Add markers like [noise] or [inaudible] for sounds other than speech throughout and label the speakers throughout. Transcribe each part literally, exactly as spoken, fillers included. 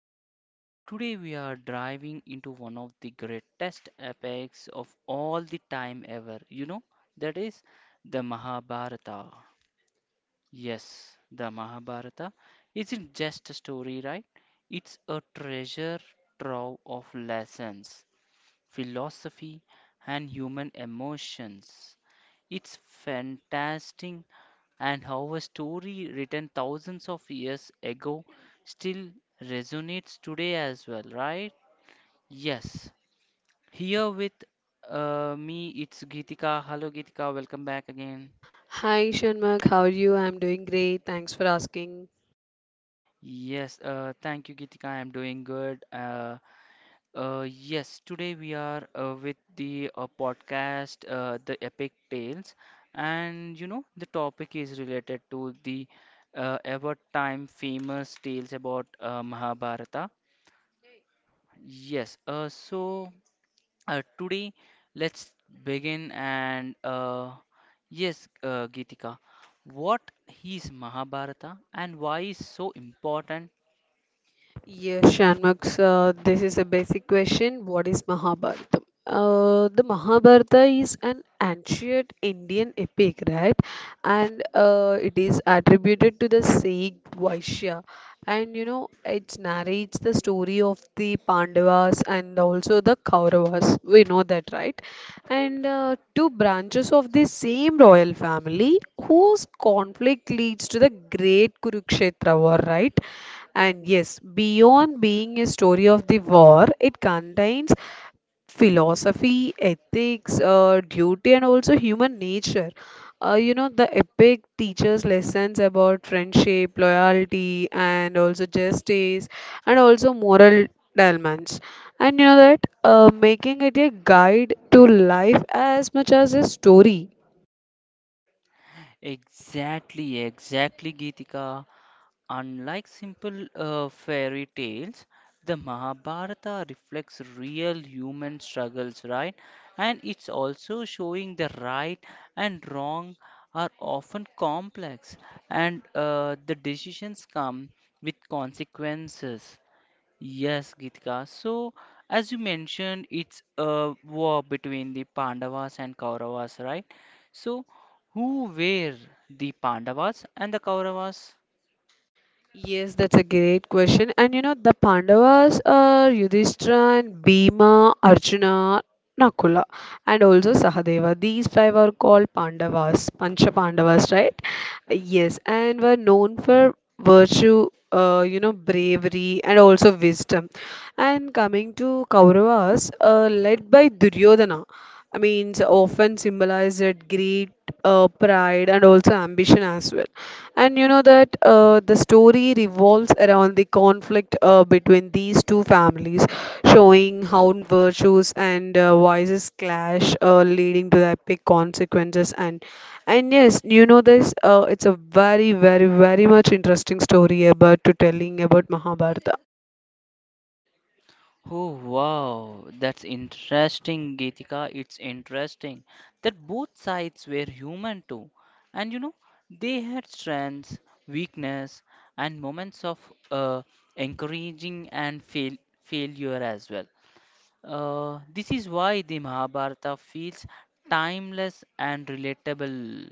Speaker 1: Yes, uh, today we are driving into one of the greatest epics of all the time ever. You know, that is the Mahabharata. Yes, the Mahabharata isn't just a story, right? It's a treasure trove of lessons, philosophy, and human emotions. It's fantastic and how a story written thousands of years ago still resonates today as well, right? Yes. Here with uh, me, it's Geetika. Hello, Geetika. Welcome back again.
Speaker 2: Hi Shanmugh, how are you? I'm doing great. Thanks for asking.
Speaker 1: Yes, uh, thank you, Geetika. I'm doing good. Uh, uh, yes, today we are uh, with the uh, podcast, uh, The Epic Tales, and you know, the topic is related to the uh, ever time famous tales about uh, Mahabharata. Yes, uh, so uh, Today let's begin and uh, yes, uh, Geetika, what is Mahabharata and why is so important?
Speaker 2: Yes, Shanmugh, so this is a basic question. What is Mahabharata? Uh, the Mahabharata is an ancient Indian epic, right? And uh, it is attributed to the sage Vaishya. and you know it narrates the story of the Pandavas and also the Kauravas. We know that, right? And uh, two branches of the same royal family whose conflict leads to the great Kurukshetra war, right? And yes, beyond being a story of the war, it contains philosophy, ethics, uh, duty, and also human nature. Uh, you know, the epic teaches lessons about friendship, loyalty, and also justice, and also moral dilemmas. And you know that uh, Making it a guide to life as much as a story.
Speaker 1: Exactly, exactly, Geetika. Unlike simple uh, fairy tales, the Mahabharata reflects real human struggles, right? And it's also showing the right and wrong are often complex and uh, the decisions come with consequences. Yes, Gitika. So, as you mentioned, it's a war between the Pandavas and Kauravas, right? So, who were the Pandavas and the Kauravas?
Speaker 2: Yes, that's a great question. And you know, the Pandavas are Yudhishthira, and Bhima, Arjuna, Nakula, and also Sahadeva. These five are called Pandavas, Pancha Pandavas, right? Yes, and were known for virtue, uh, you know, bravery, and also wisdom. And coming to Kauravas, uh, led by Duryodhana, I mean, so often symbolized greed, uh, pride, and also ambition as well. And you know that uh, The story revolves around the conflict uh, between these two families, showing how virtues and uh, vices clash, uh, leading to the epic consequences. And and yes, you know this. Uh, it's a very, very, very much interesting story about to telling about Mahabharata.
Speaker 1: Oh wow, that's interesting, Geetika. It's interesting that both sides were human too. And you know, they had strengths, weakness, and moments of uh, encouraging and fail failure as well. Uh, this is why the Mahabharata feels timeless and relatable.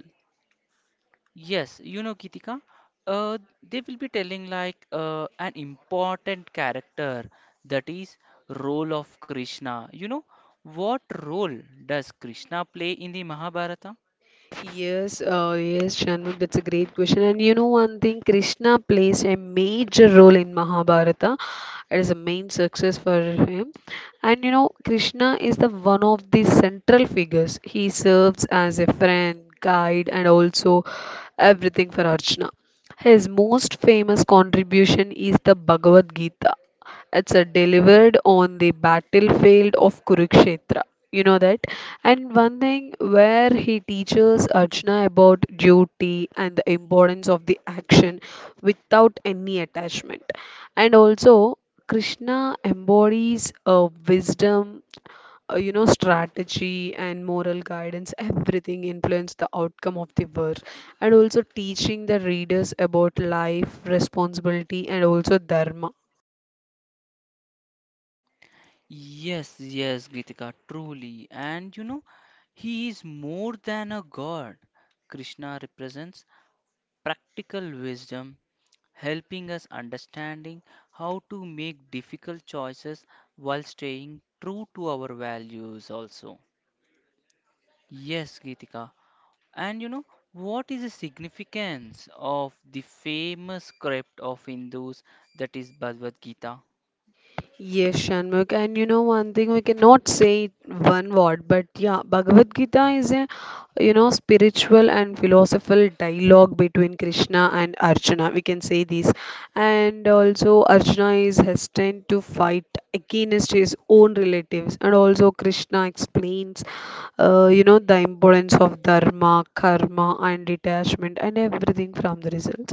Speaker 1: Yes, you know, Gitika, uh, they will be telling like uh, an important character that is role of Krishna. You know, what role does Krishna play in the Mahabharata?
Speaker 2: Yes, uh, yes, Shanmugh, that's a great question. And you know one thing, Krishna plays a major role in Mahabharata. It is a main success for him. And you know, Krishna is the one of the central figures. He serves as a friend, guide, and also everything for Arjuna. His most famous contribution is the Bhagavad Gita. It's uh, delivered on the battlefield of Kurukshetra. You know that? And one thing where he teaches Arjuna about duty and the importance of the action without any attachment. And also, Krishna embodies a wisdom, uh, you know, strategy and moral guidance, everything influence the outcome of the war. And also teaching the readers about life, responsibility, and also dharma.
Speaker 1: Yes, yes, Gitika, truly. And you know, he is more than a god. Krishna represents practical wisdom, helping us understanding how to make difficult choices while staying true to our values also. Yes, Geetika. And you know, what is the significance of the famous script of Hindus that is Bhagavad Gita?
Speaker 2: Yes, Shanmugh, and you know one thing we cannot say it one word, but yeah, Bhagavad Gita is a you know spiritual and philosophical dialogue between Krishna and Arjuna. We can say this, and also Arjuna is hesitant to fight against his own relatives, and also Krishna explains, uh, you know, the importance of dharma, karma, and detachment, and everything from the results.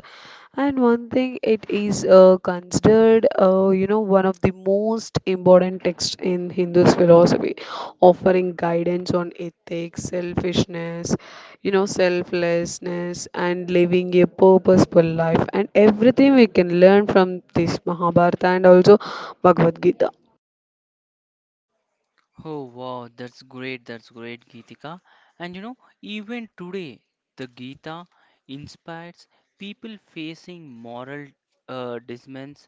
Speaker 2: And one thing it is uh, considered considered, uh, you know, one of the most important texts in Hindu's philosophy, offering guidance on ethics, selfishness, you know, selflessness, and living a purposeful life, and everything we can learn from this Mahabharata and also Bhagavad Gita.
Speaker 1: Oh wow, that's great, that's great, Geetika. And you know, even today, the Gita inspires people facing moral uh, dilemmas,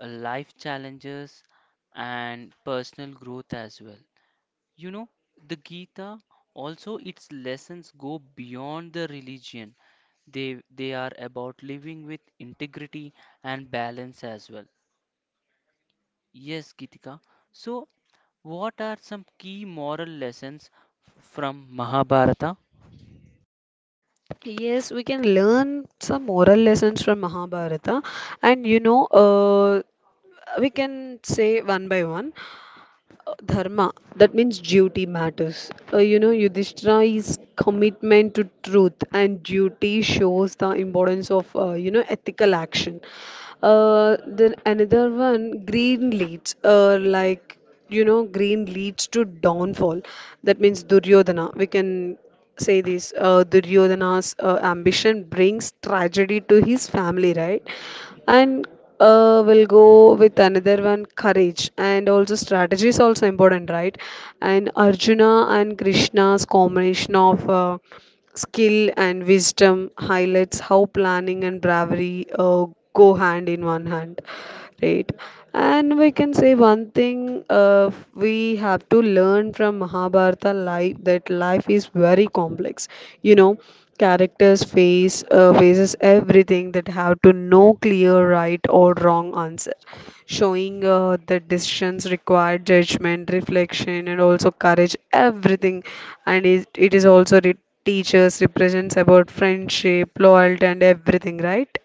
Speaker 1: uh, life challenges, and personal growth as well. You know, the Gita also its lessons go beyond the religion. They they are about living with integrity and balance as well. Yes, Gitika. So, what are some key moral lessons f- from Mahabharata?
Speaker 2: Yes, we can learn some moral lessons from Mahabharata, and you know, uh, we can say one by one. Dharma, that means duty matters. uh, you know Yudhishthira is commitment to truth and duty shows the importance of uh, you know ethical action. Uh, then another one, green leads, uh, like you know green leads to downfall. That means Duryodhana, we can say this. Uh, duryodhana's uh, ambition brings tragedy to his family, right? And uh, we'll go with another one, courage, and also strategy is also important, right? And Arjuna and Krishna's combination of uh, skill and wisdom highlights how planning and bravery uh, go hand in one hand, right? And we can say one thing, uh, we have to learn from Mahabharata life, that life is very complex. you know Characters face uh, faces everything that have to no clear right or wrong answer, showing uh, that decisions require judgment, reflection, and also courage, everything. And it, it is also re- teachers represents about friendship, loyalty, and everything, right?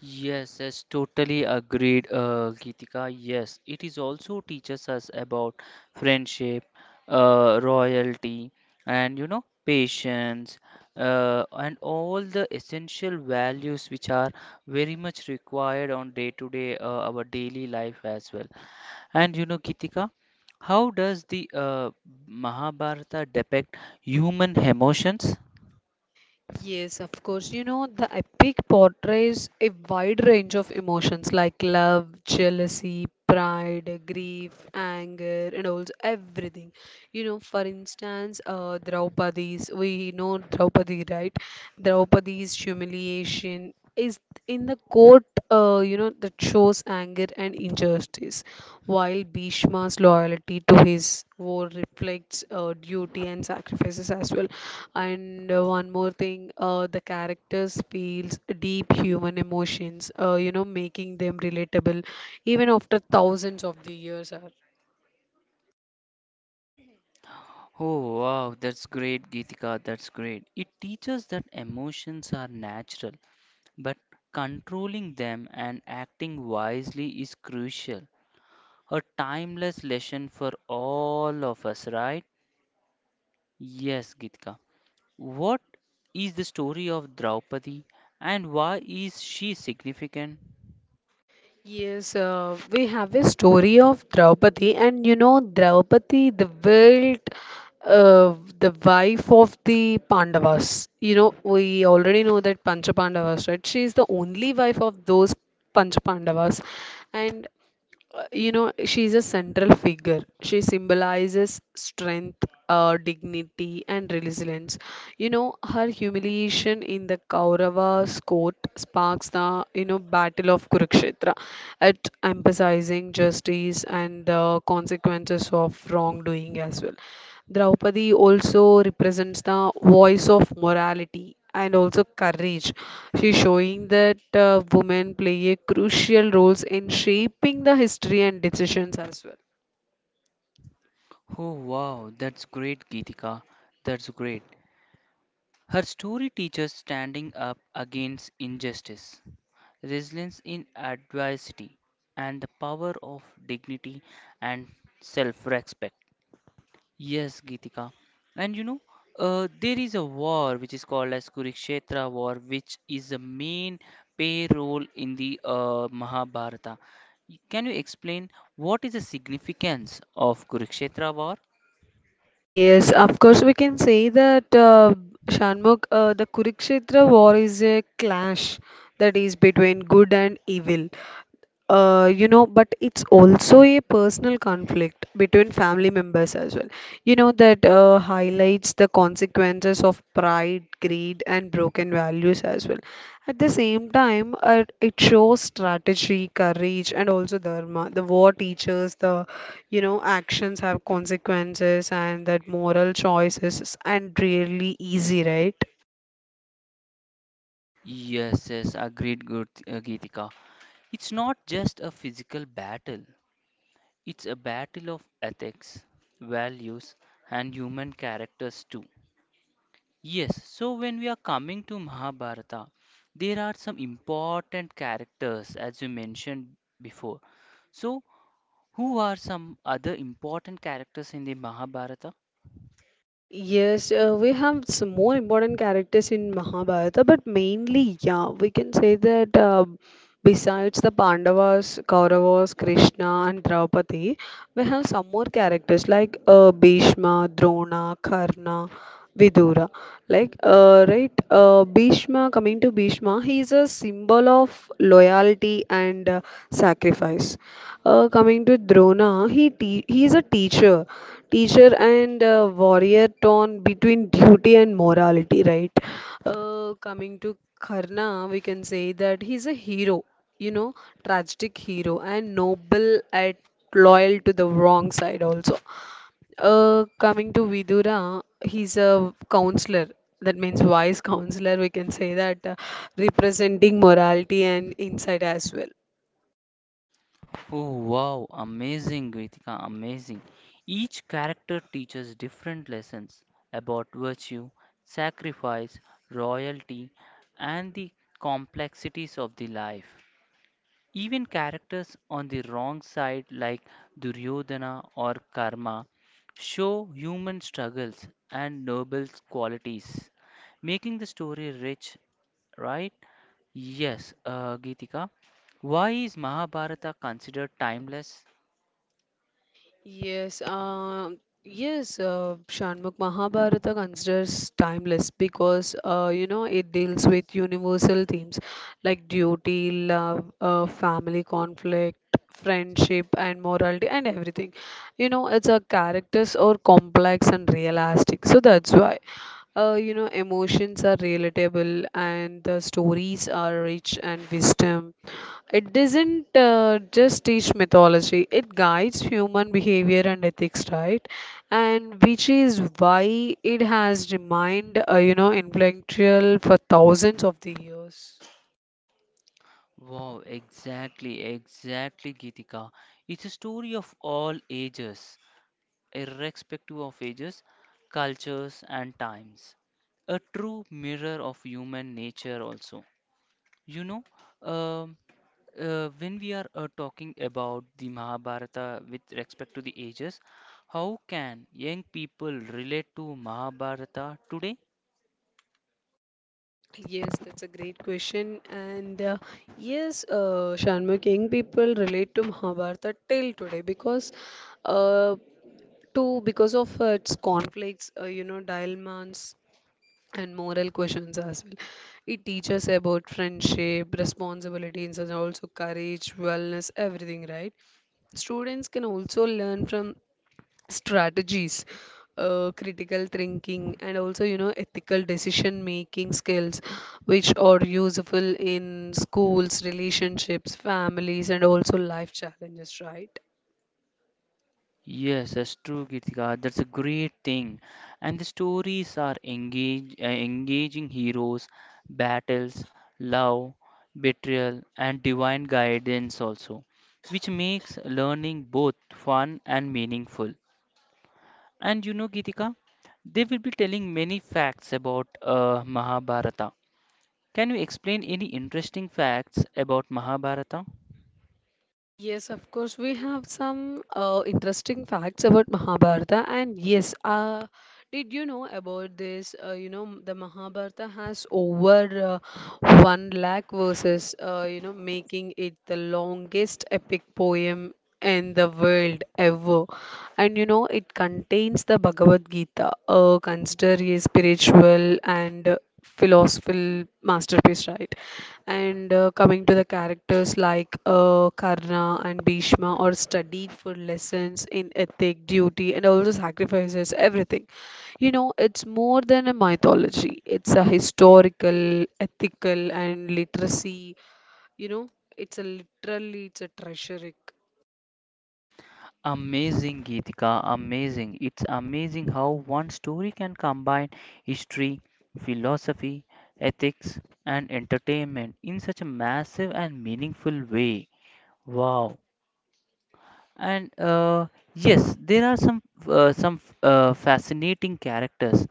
Speaker 1: Yes, yes, totally agreed, uh, Geetika. Yes, it is also teaches us about friendship, uh, royalty, and you know, patience, uh, and all the essential values which are very much required on day-to-day, uh, our daily life as well. And you know, Geetika, how does the uh, Mahabharata depict human emotions?
Speaker 2: Yes, of course. You know, the epic portrays a wide range of emotions like love, jealousy, pride, grief, anger, and also everything. You know, for instance, uh, Draupadi's, we know Draupadi, right? Draupadi's humiliation is in the court, uh, you know, that shows anger and injustice, while Bhishma's loyalty to his war reflects uh, duty and sacrifices as well. And uh, one more thing, uh, the characters feels deep human emotions, uh, you know, making them relatable even after thousands of the years are.
Speaker 1: Oh, wow, that's great, Geetika. That's great. It teaches that emotions are natural, but controlling them and acting wisely is crucial. A timeless lesson for all of us, right? Yes, Geetika. What is the story of Draupadi and why is she significant?
Speaker 2: Yes, uh, we have a story of Draupadi, and you know, Draupadi, the wild, uh, the wife of the Pandavas. You know, we already know that Pancha Pandavas, right? She is the only wife of those Pancha Pandavas, and uh, you know, she's a central figure. She symbolizes strength, uh, dignity, and resilience. You know, her humiliation in the Kauravas court sparks the, you know, Battle of Kurukshetra, at emphasizing justice and the consequences of wrongdoing as well. Draupadi also represents the voice of morality and also courage. She's showing that uh, women play a crucial roles in shaping the history and decisions as well.
Speaker 1: Oh wow, that's great, Geetika. That's great. Her story teaches standing up against injustice, resilience in adversity, and the power of dignity and self respect. Yes, Gitika. And you know, uh, there is a war which is called as Kurukshetra War, which is the main pay role in the uh, Mahabharata. Y- Can you explain what is the significance of Kurukshetra War?
Speaker 2: Yes, of course, we can say that uh, Shanmugh, uh, the Kurukshetra war is a clash that is between good and evil, uh, you know, but it's also a personal conflict between family members as well. You know, that uh, highlights the consequences of pride, greed, and broken values as well. At the same time, uh, it shows strategy, courage, and also dharma. The war teaches the, you know, actions have consequences and that moral choices and really easy, right?
Speaker 1: Yes, yes, agreed, good, uh, Geetika. It's not just a physical battle, it's a battle of ethics, values, and human characters too. Yes, so when we are coming to Mahabharata, there are some important characters as you mentioned before. So, who are some other important characters in the Mahabharata?
Speaker 2: Yes, uh, we have some more important characters in Mahabharata, but mainly, yeah, we can say that uh, besides the Pandavas, Kauravas, Krishna, and Draupadi, we have some more characters like uh, Bhishma, Drona, Karna, Vidura. Like, uh, right, uh, Bhishma, coming to Bhishma, he is a symbol of loyalty and uh, sacrifice. Uh, coming to Drona, he, te- he is a teacher, teacher and uh, warrior torn between duty and morality, right? Uh, coming to Karna, we can say that he's a hero, you know, tragic hero and noble at, loyal to the wrong side also. Uh, coming to Vidura, he's a counselor. That means wise counselor, we can say that, uh, representing morality and insight as well.
Speaker 1: Oh wow, amazing, Gritika, amazing. Each character teaches different lessons about virtue, sacrifice, royalty, and the complexities of the life. Even characters on the wrong side, like Duryodhana or Karma, show human struggles and noble qualities, making the story rich, right? Yes, uh, Geetika. Why is Mahabharata considered timeless?
Speaker 2: Yes, um, yes, uh, Shanmugh Mahabharata considers timeless because uh, you know it deals with universal themes like duty, love, uh, family conflict, friendship, and morality, and everything. You know, it's a characters are complex and realistic, so that's why. Uh, you know, emotions are relatable and the stories are rich and wisdom, it doesn't uh, just teach mythology, it guides human behavior and ethics, right? And which is why it has remained, uh, you know, influential for thousands of the years.
Speaker 1: Wow, exactly, exactly, Geetika. It's a story of all ages, irrespective of ages, cultures, and times. A true mirror of human nature, also. You know, um, uh, when we are uh, talking about the Mahabharata with respect to the ages, how can young people relate to Mahabharata today?
Speaker 2: Yes, that's a great question. And uh, yes, uh, Shanmugh, young people relate to Mahabharata till today because, uh, to because of uh, its conflicts, uh, you know, dilemmas, and moral questions as well. It teaches about friendship, responsibilities, and also courage, wellness, everything, right? Students can also learn from strategies, uh, critical thinking, and also, you know, ethical decision making skills, which are useful in schools, relationships, families, and also life challenges, right?
Speaker 1: Yes, that's true, Gitika. That's a great thing. And the stories are engage, uh, engaging heroes, battles, love, betrayal, and divine guidance also, which makes learning both fun and meaningful. And you know, Gitika, they will be telling many facts about uh, Mahabharata. Can you explain any interesting facts about Mahabharata?
Speaker 2: Yes, of course, we have some uh, interesting facts about Mahabharata, and yes, uh, did you know about this? Uh, you know, the Mahabharata has over uh, one lakh verses, uh, you know, making it the longest epic poem in the world ever. And you know, it contains the Bhagavad Gita, uh, considered a spiritual and uh, philosophical masterpiece, right? And uh, coming to the characters like uh, Karna and Bhishma are studied for lessons in ethic, duty, and also sacrifices, everything. You know, it's more than a mythology, it's a historical, ethical, and literacy. You know, it's a literally, it's a treasure.
Speaker 1: Amazing, Geetika, amazing. It's amazing how one story can combine history, philosophy, ethics, and entertainment in such a massive and meaningful way. Wow. And uh, yes, there are some uh, some uh, fascinating characters.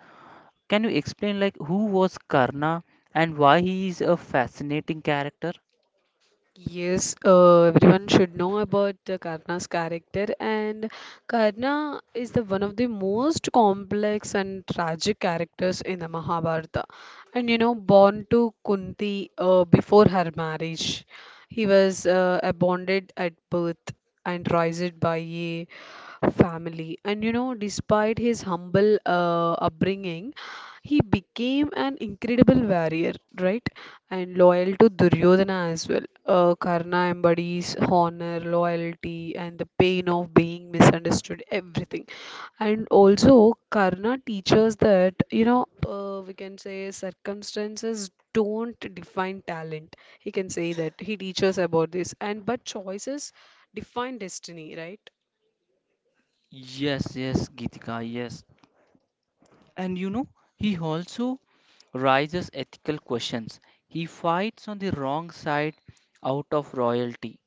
Speaker 1: Can you explain like who was Karna and why he is a fascinating character?
Speaker 2: Yes, uh, everyone should know about uh, Karna's character, and Karna is the one of the most complex and tragic characters in the Mahabharata. And you know, born to Kunti uh, before her marriage, he was uh, abandoned at birth and raised by a family. And you know, despite his humble uh, upbringing, he became an incredible warrior, right? And loyal to Duryodhana as well. Uh, Karna embodies honor, loyalty, and the pain of being misunderstood, everything. And also, Karna teaches that, you know, uh, we can say circumstances don't define talent. He can say that. He teaches about this. And but choices define destiny, right?
Speaker 1: Yes, yes, Gitika, yes. And you know, he also raises ethical questions. He fights on the wrong side out of royalty.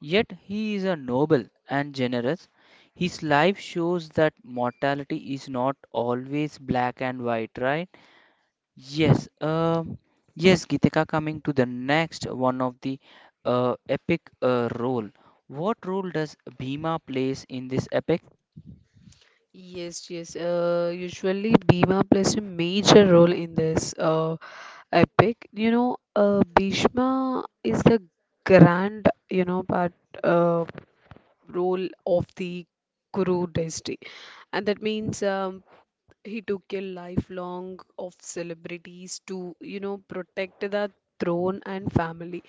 Speaker 1: Yet he is a noble and generous. His life shows that mortality is not always black and white, right? Yes, um, yes, Geetika, coming to the next one of the uh, epic uh, role. What role does Bhima plays in this epic?
Speaker 2: Yes, yes. Uh, usually, Bhima plays a major role in this uh, epic. You know, uh, Bhishma is the grand, you know, part uh, role of the Kuru dynasty, and that means um, he took a lifelong of celebrities to, you know, protect the throne and family.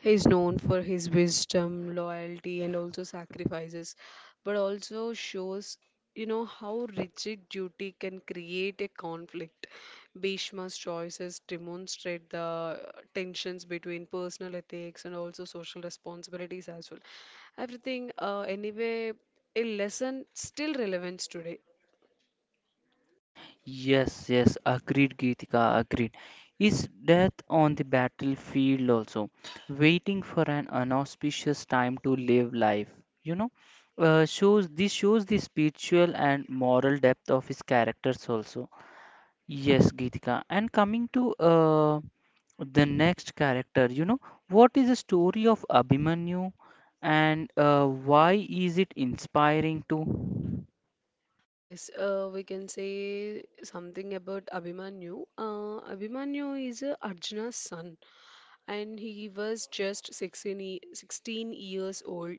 Speaker 2: He is known for his wisdom, loyalty, and also sacrifices, but also shows, you know, how rigid duty can create a conflict. Bhishma's choices demonstrate the tensions between personal ethics and also social responsibilities as well. Everything, uh, anyway, a lesson still relevant today.
Speaker 1: Yes, yes, agreed, Geetika, agreed. Is death on the battlefield also, waiting for an inauspicious time to live life. You know, uh, shows this shows the spiritual and moral depth of his characters also. Yes, Geetika. And coming to uh, the next character, you know, what is the story of Abhimanyu and uh, why is it inspiring to?
Speaker 2: Yes, uh, we can say something about Abhimanyu. Uh, Abhimanyu is uh, Arjuna's son, and he was just sixteen, ye- sixteen years old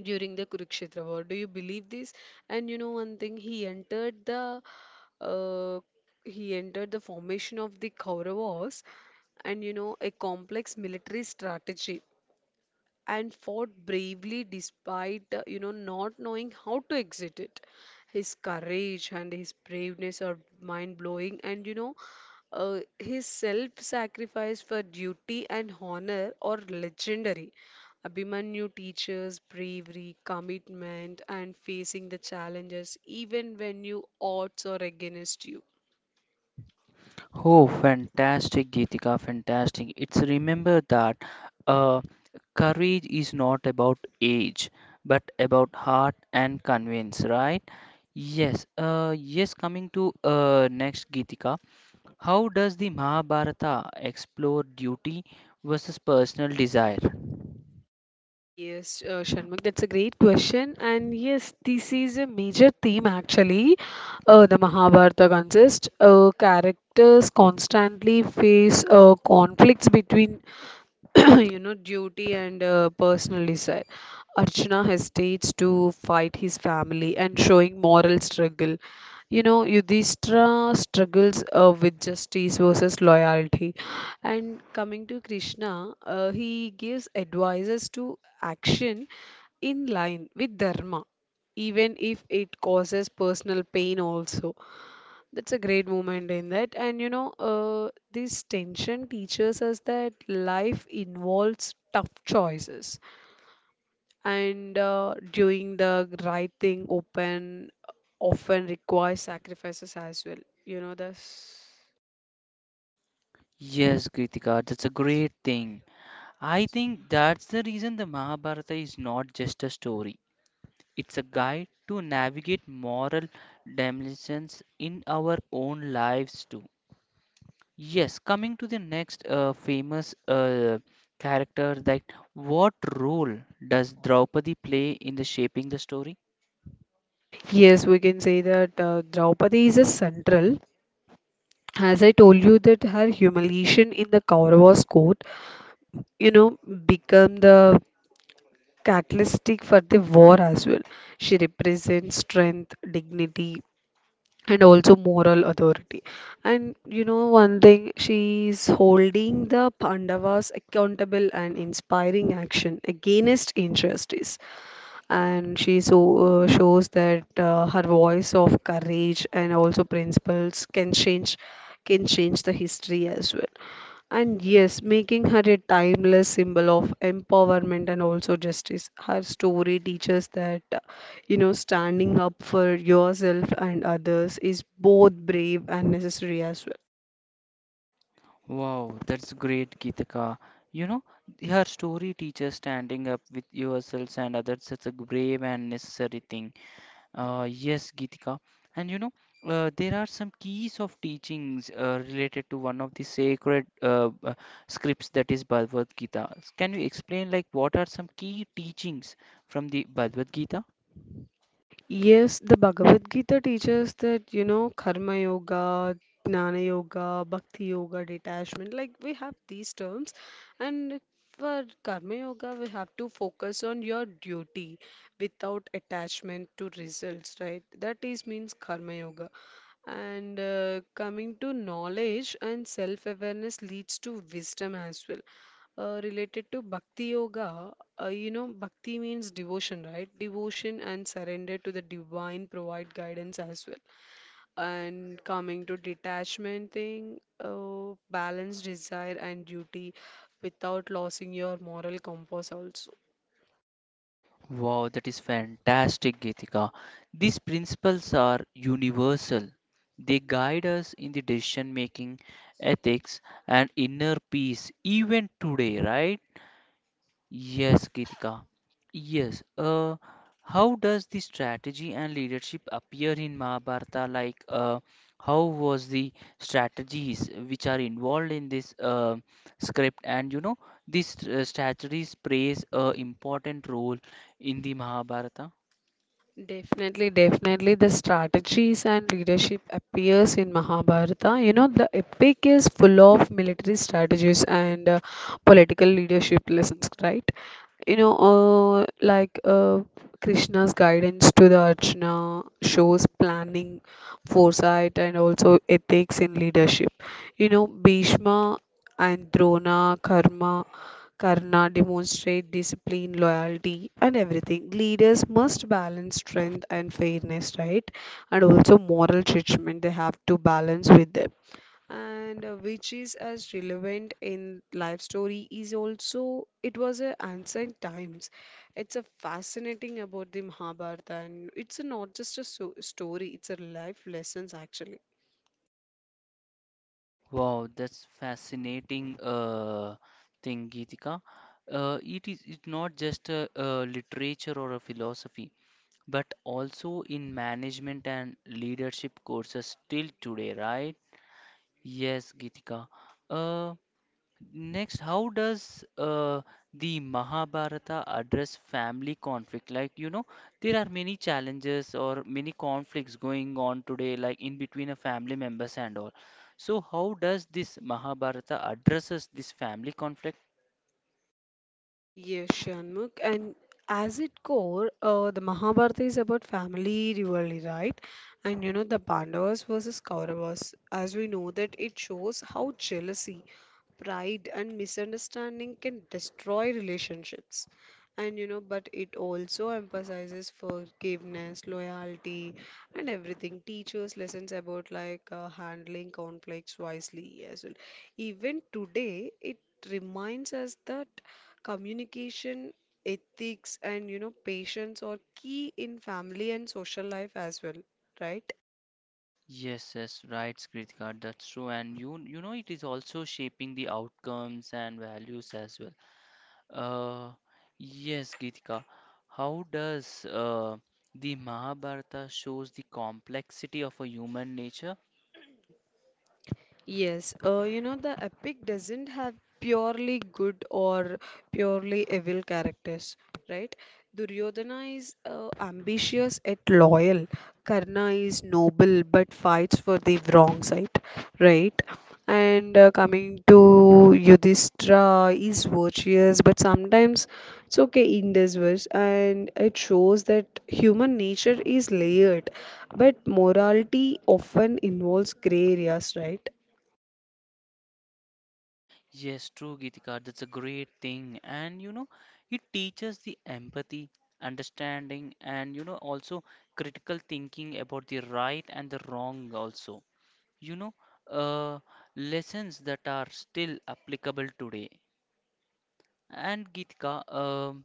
Speaker 2: during the Kurukshetra war. Do you believe this? And you know one thing, he entered the uh, he entered the formation of the Kauravas, and you know a complex military strategy and fought bravely despite uh, you know not knowing how to exit it. His courage and his braveness are mind blowing, and you know uh, his self sacrifice for duty and honor are legendary. Abhimanyu teaches bravery, commitment, and facing the challenges even when you odds are against you.
Speaker 1: Oh, fantastic, Geetika, fantastic. It's remember that uh, courage is not about age, but about heart and convince, right? Yes, uh, yes, coming to uh, next Geetika, how does the Mahabharata explore duty versus personal desire?
Speaker 2: Yes, uh, Sharmak, that's a great question. And yes, this is a major theme actually. Uh, the Mahabharata consists uh, characters constantly face uh, conflicts between [coughs] [clears throat] you know duty and uh, personal desire. Arjuna hesitates to fight his family and showing moral struggle. You know, yudhishthira struggles uh, with justice versus loyalty, and coming to krishna, uh, he gives advices to action in line with dharma, even if it causes personal pain also. That's a great moment in that. And you know, uh, this tension teaches us that life involves tough choices, and uh, doing the right thing open often requires sacrifices as well. You know, this.
Speaker 1: Yes, Kritika, that's a great thing. I think that's the reason the Mahabharata is not just a story. It's a guide to navigate moral dimensions in our own lives too. Yes, coming to the next uh, famous uh, character, that what role does Draupadi play in the shaping the story?
Speaker 2: Yes, we can say that uh, Draupadi is a central. As I told you, that her humiliation in the Kauravas court, you know, become the catalytic for the war as well. She represents strength, dignity, and also moral authority. And you know, one thing, she's holding the Pandavas accountable and inspiring action against injustice. And she so, uh, shows that uh, her voice of courage and also principles can change can change the history as well. And yes, making her a timeless symbol of empowerment and also justice. Her story teaches that, uh, you know, standing up for yourself and others is both brave and necessary as well.
Speaker 1: Wow, that's great, Geetika. You know, her story teaches standing up with yourselves and others. It's a brave and necessary thing. Uh, yes, Geetika. And you know, uh, there are some keys of teachings uh, related to one of the sacred uh, uh, scripts that is Bhagavad Gita. Can you explain, like, what are some key teachings from the Bhagavad Gita?
Speaker 2: Yes, the Bhagavad Gita teaches that, you know, karma yoga, jnana yoga, bhakti yoga, detachment, like we have these terms. And for karma yoga, we have to focus on your duty without attachment to results, right? That is means karma yoga. And uh, coming to knowledge and self-awareness leads to wisdom as well, uh, related to bhakti yoga. Uh, you know, bhakti means devotion, right? Devotion and surrender to the divine provide guidance as well. And coming to detachment thing, uh, balance desire and duty without losing your moral compass also.
Speaker 1: Wow, that is fantastic, Geetika. These principles are universal. They guide us in the decision making, ethics, and inner peace, even today, right? Yes, Gitika. Yes. Uh, how does the strategy and leadership appear in Mahabharata? Like, uh, how was the strategies which are involved in this uh, script? And you know, these uh, strategies plays a important role in the Mahabharata.
Speaker 2: Definitely, definitely. The strategies and leadership appears in Mahabharata. You know, the epic is full of military strategies and uh, political leadership lessons, right? You know, uh, like uh, Krishna's guidance to the Arjuna shows planning, foresight, and also ethics in leadership. You know, Bhishma and Drona, Karma, Karna demonstrate discipline, loyalty, and everything. Leaders must balance strength and fairness, right? And also moral judgment they have to balance with them, and uh, which is as relevant in life story is also it was a ancient times. It's a fascinating about the mahabharata, and it's a not just a so story, it's a life lessons actually.
Speaker 1: Wow, that's fascinating uh, thing, Gitika. Uh, it is it's not just a, a literature or a philosophy, but also in management and leadership courses till today, right? Yes, Gitika. Uh, Next, how does uh, the Mahabharata address family conflict? Like, you know, there are many challenges or many conflicts going on today, like in between a family members and all. So, how does this Mahabharata addresses this family conflict?
Speaker 2: Yes, Shanmugh. And as its core, uh, the Mahabharata is about family rivalry, right? And you know, the Pandavas versus Kauravas, as we know that it shows how jealousy, pride, and misunderstanding can destroy relationships. And you know, but it also emphasizes forgiveness, loyalty, and everything. Teaches lessons about like uh, handling conflicts wisely as well. Even today, it reminds us that communication ethics and you know patience are key in family and social life as well, right?
Speaker 1: Yes, yes, right, Kritika, that's true. And you you know it is also shaping the outcomes and values as well. Uh yes, Kritika. How does uh the Mahabharata shows the complexity of a human nature?
Speaker 2: [clears throat] Yes, uh, you know, the epic doesn't have purely good or purely evil characters, right? Duryodhana is uh, ambitious yet loyal. Karna is noble but fights for the wrong side, right? And uh, coming to Yudhishthira is virtuous, but sometimes it's okay in this verse, and it shows that human nature is layered, but morality often involves gray areas, right?
Speaker 1: Yes, true, Kritika, that's a great thing. And you know, it teaches the empathy, understanding, and you know, also critical thinking about the right and the wrong also. you know, uh, Lessons that are still applicable today. And Geetika, um,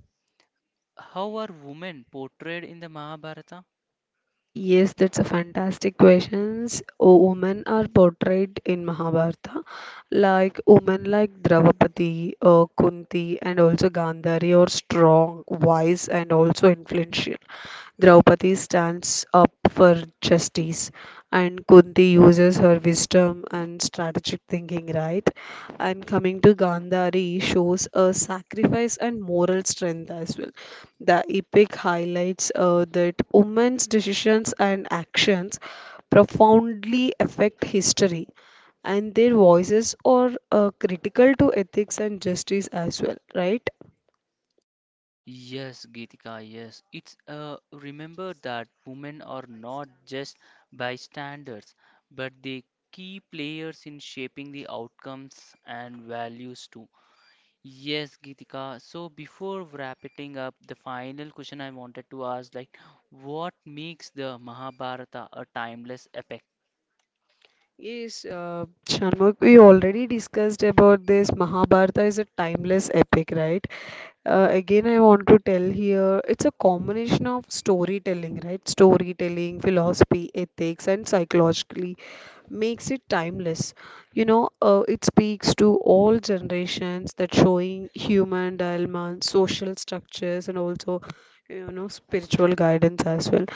Speaker 1: how are women portrayed in the Mahabharata?
Speaker 2: Yes, that's a fantastic questions. O women are portrayed in Mahabharata, like women like Draupadi, uh, Kunti, and also Gandhari are strong, wise, and also influential. Draupadi stands up for justice, and Kunti uses her wisdom and strategic thinking, right? And coming to Gandhari shows a sacrifice and moral strength as well. The epic highlights uh, that women's decisions and actions profoundly affect history, and their voices are uh, critical to ethics and justice as well, right?
Speaker 1: Yes, Geetika, yes. It's uh, remember that women are not just bystanders, but they key players in shaping the outcomes and values too. Yes, Geetika. So before wrapping up, the final question I wanted to ask, like, what makes the Mahabharata a timeless epic?
Speaker 2: Yes, uh, Shanmugh, we already discussed about this. Mahabharata is a timeless epic, right? Uh, again, I want to tell here it's a combination of storytelling, right? Storytelling, philosophy, ethics, and psychologically makes it timeless. You know, uh, it speaks to all generations that showing human dilemma, social structures, and also, you know, spiritual guidance as well,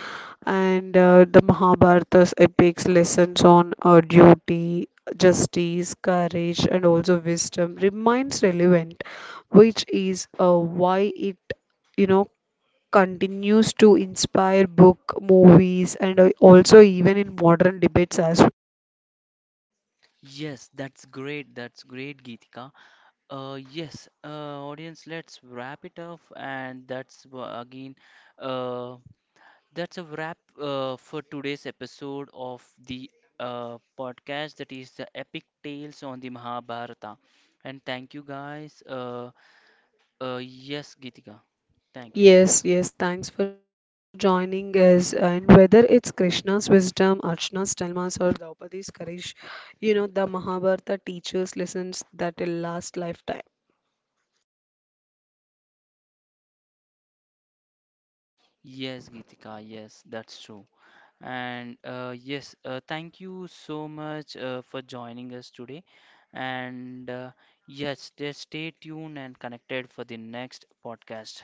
Speaker 2: and uh, the Mahabharata's epics lessons on uh, duty, justice, courage, and also wisdom remains relevant, which is uh, why it you know continues to inspire book, movies, and uh, also even in modern debates as well.
Speaker 1: Yes, that's great. That's great, Geetika. Uh, yes, uh, audience, let's wrap it up, and that's wha- again, uh, that's a wrap uh, for today's episode of the uh, podcast that is the epic tales on the Mahabharata. And thank you guys. Uh, uh, yes, Geetika. Thank you.
Speaker 2: Yes, yes, thanks for joining us. And whether it's Krishna's wisdom, Archana's dilemmas, or Draupadi's courage, you know, the Mahabharata teaches lessons that will last lifetime.
Speaker 1: Yes, Geetika, yes, that's true. And uh, Yes, uh, thank you so much uh, for joining us today. And uh, Yes, just stay tuned and connected for the next podcast.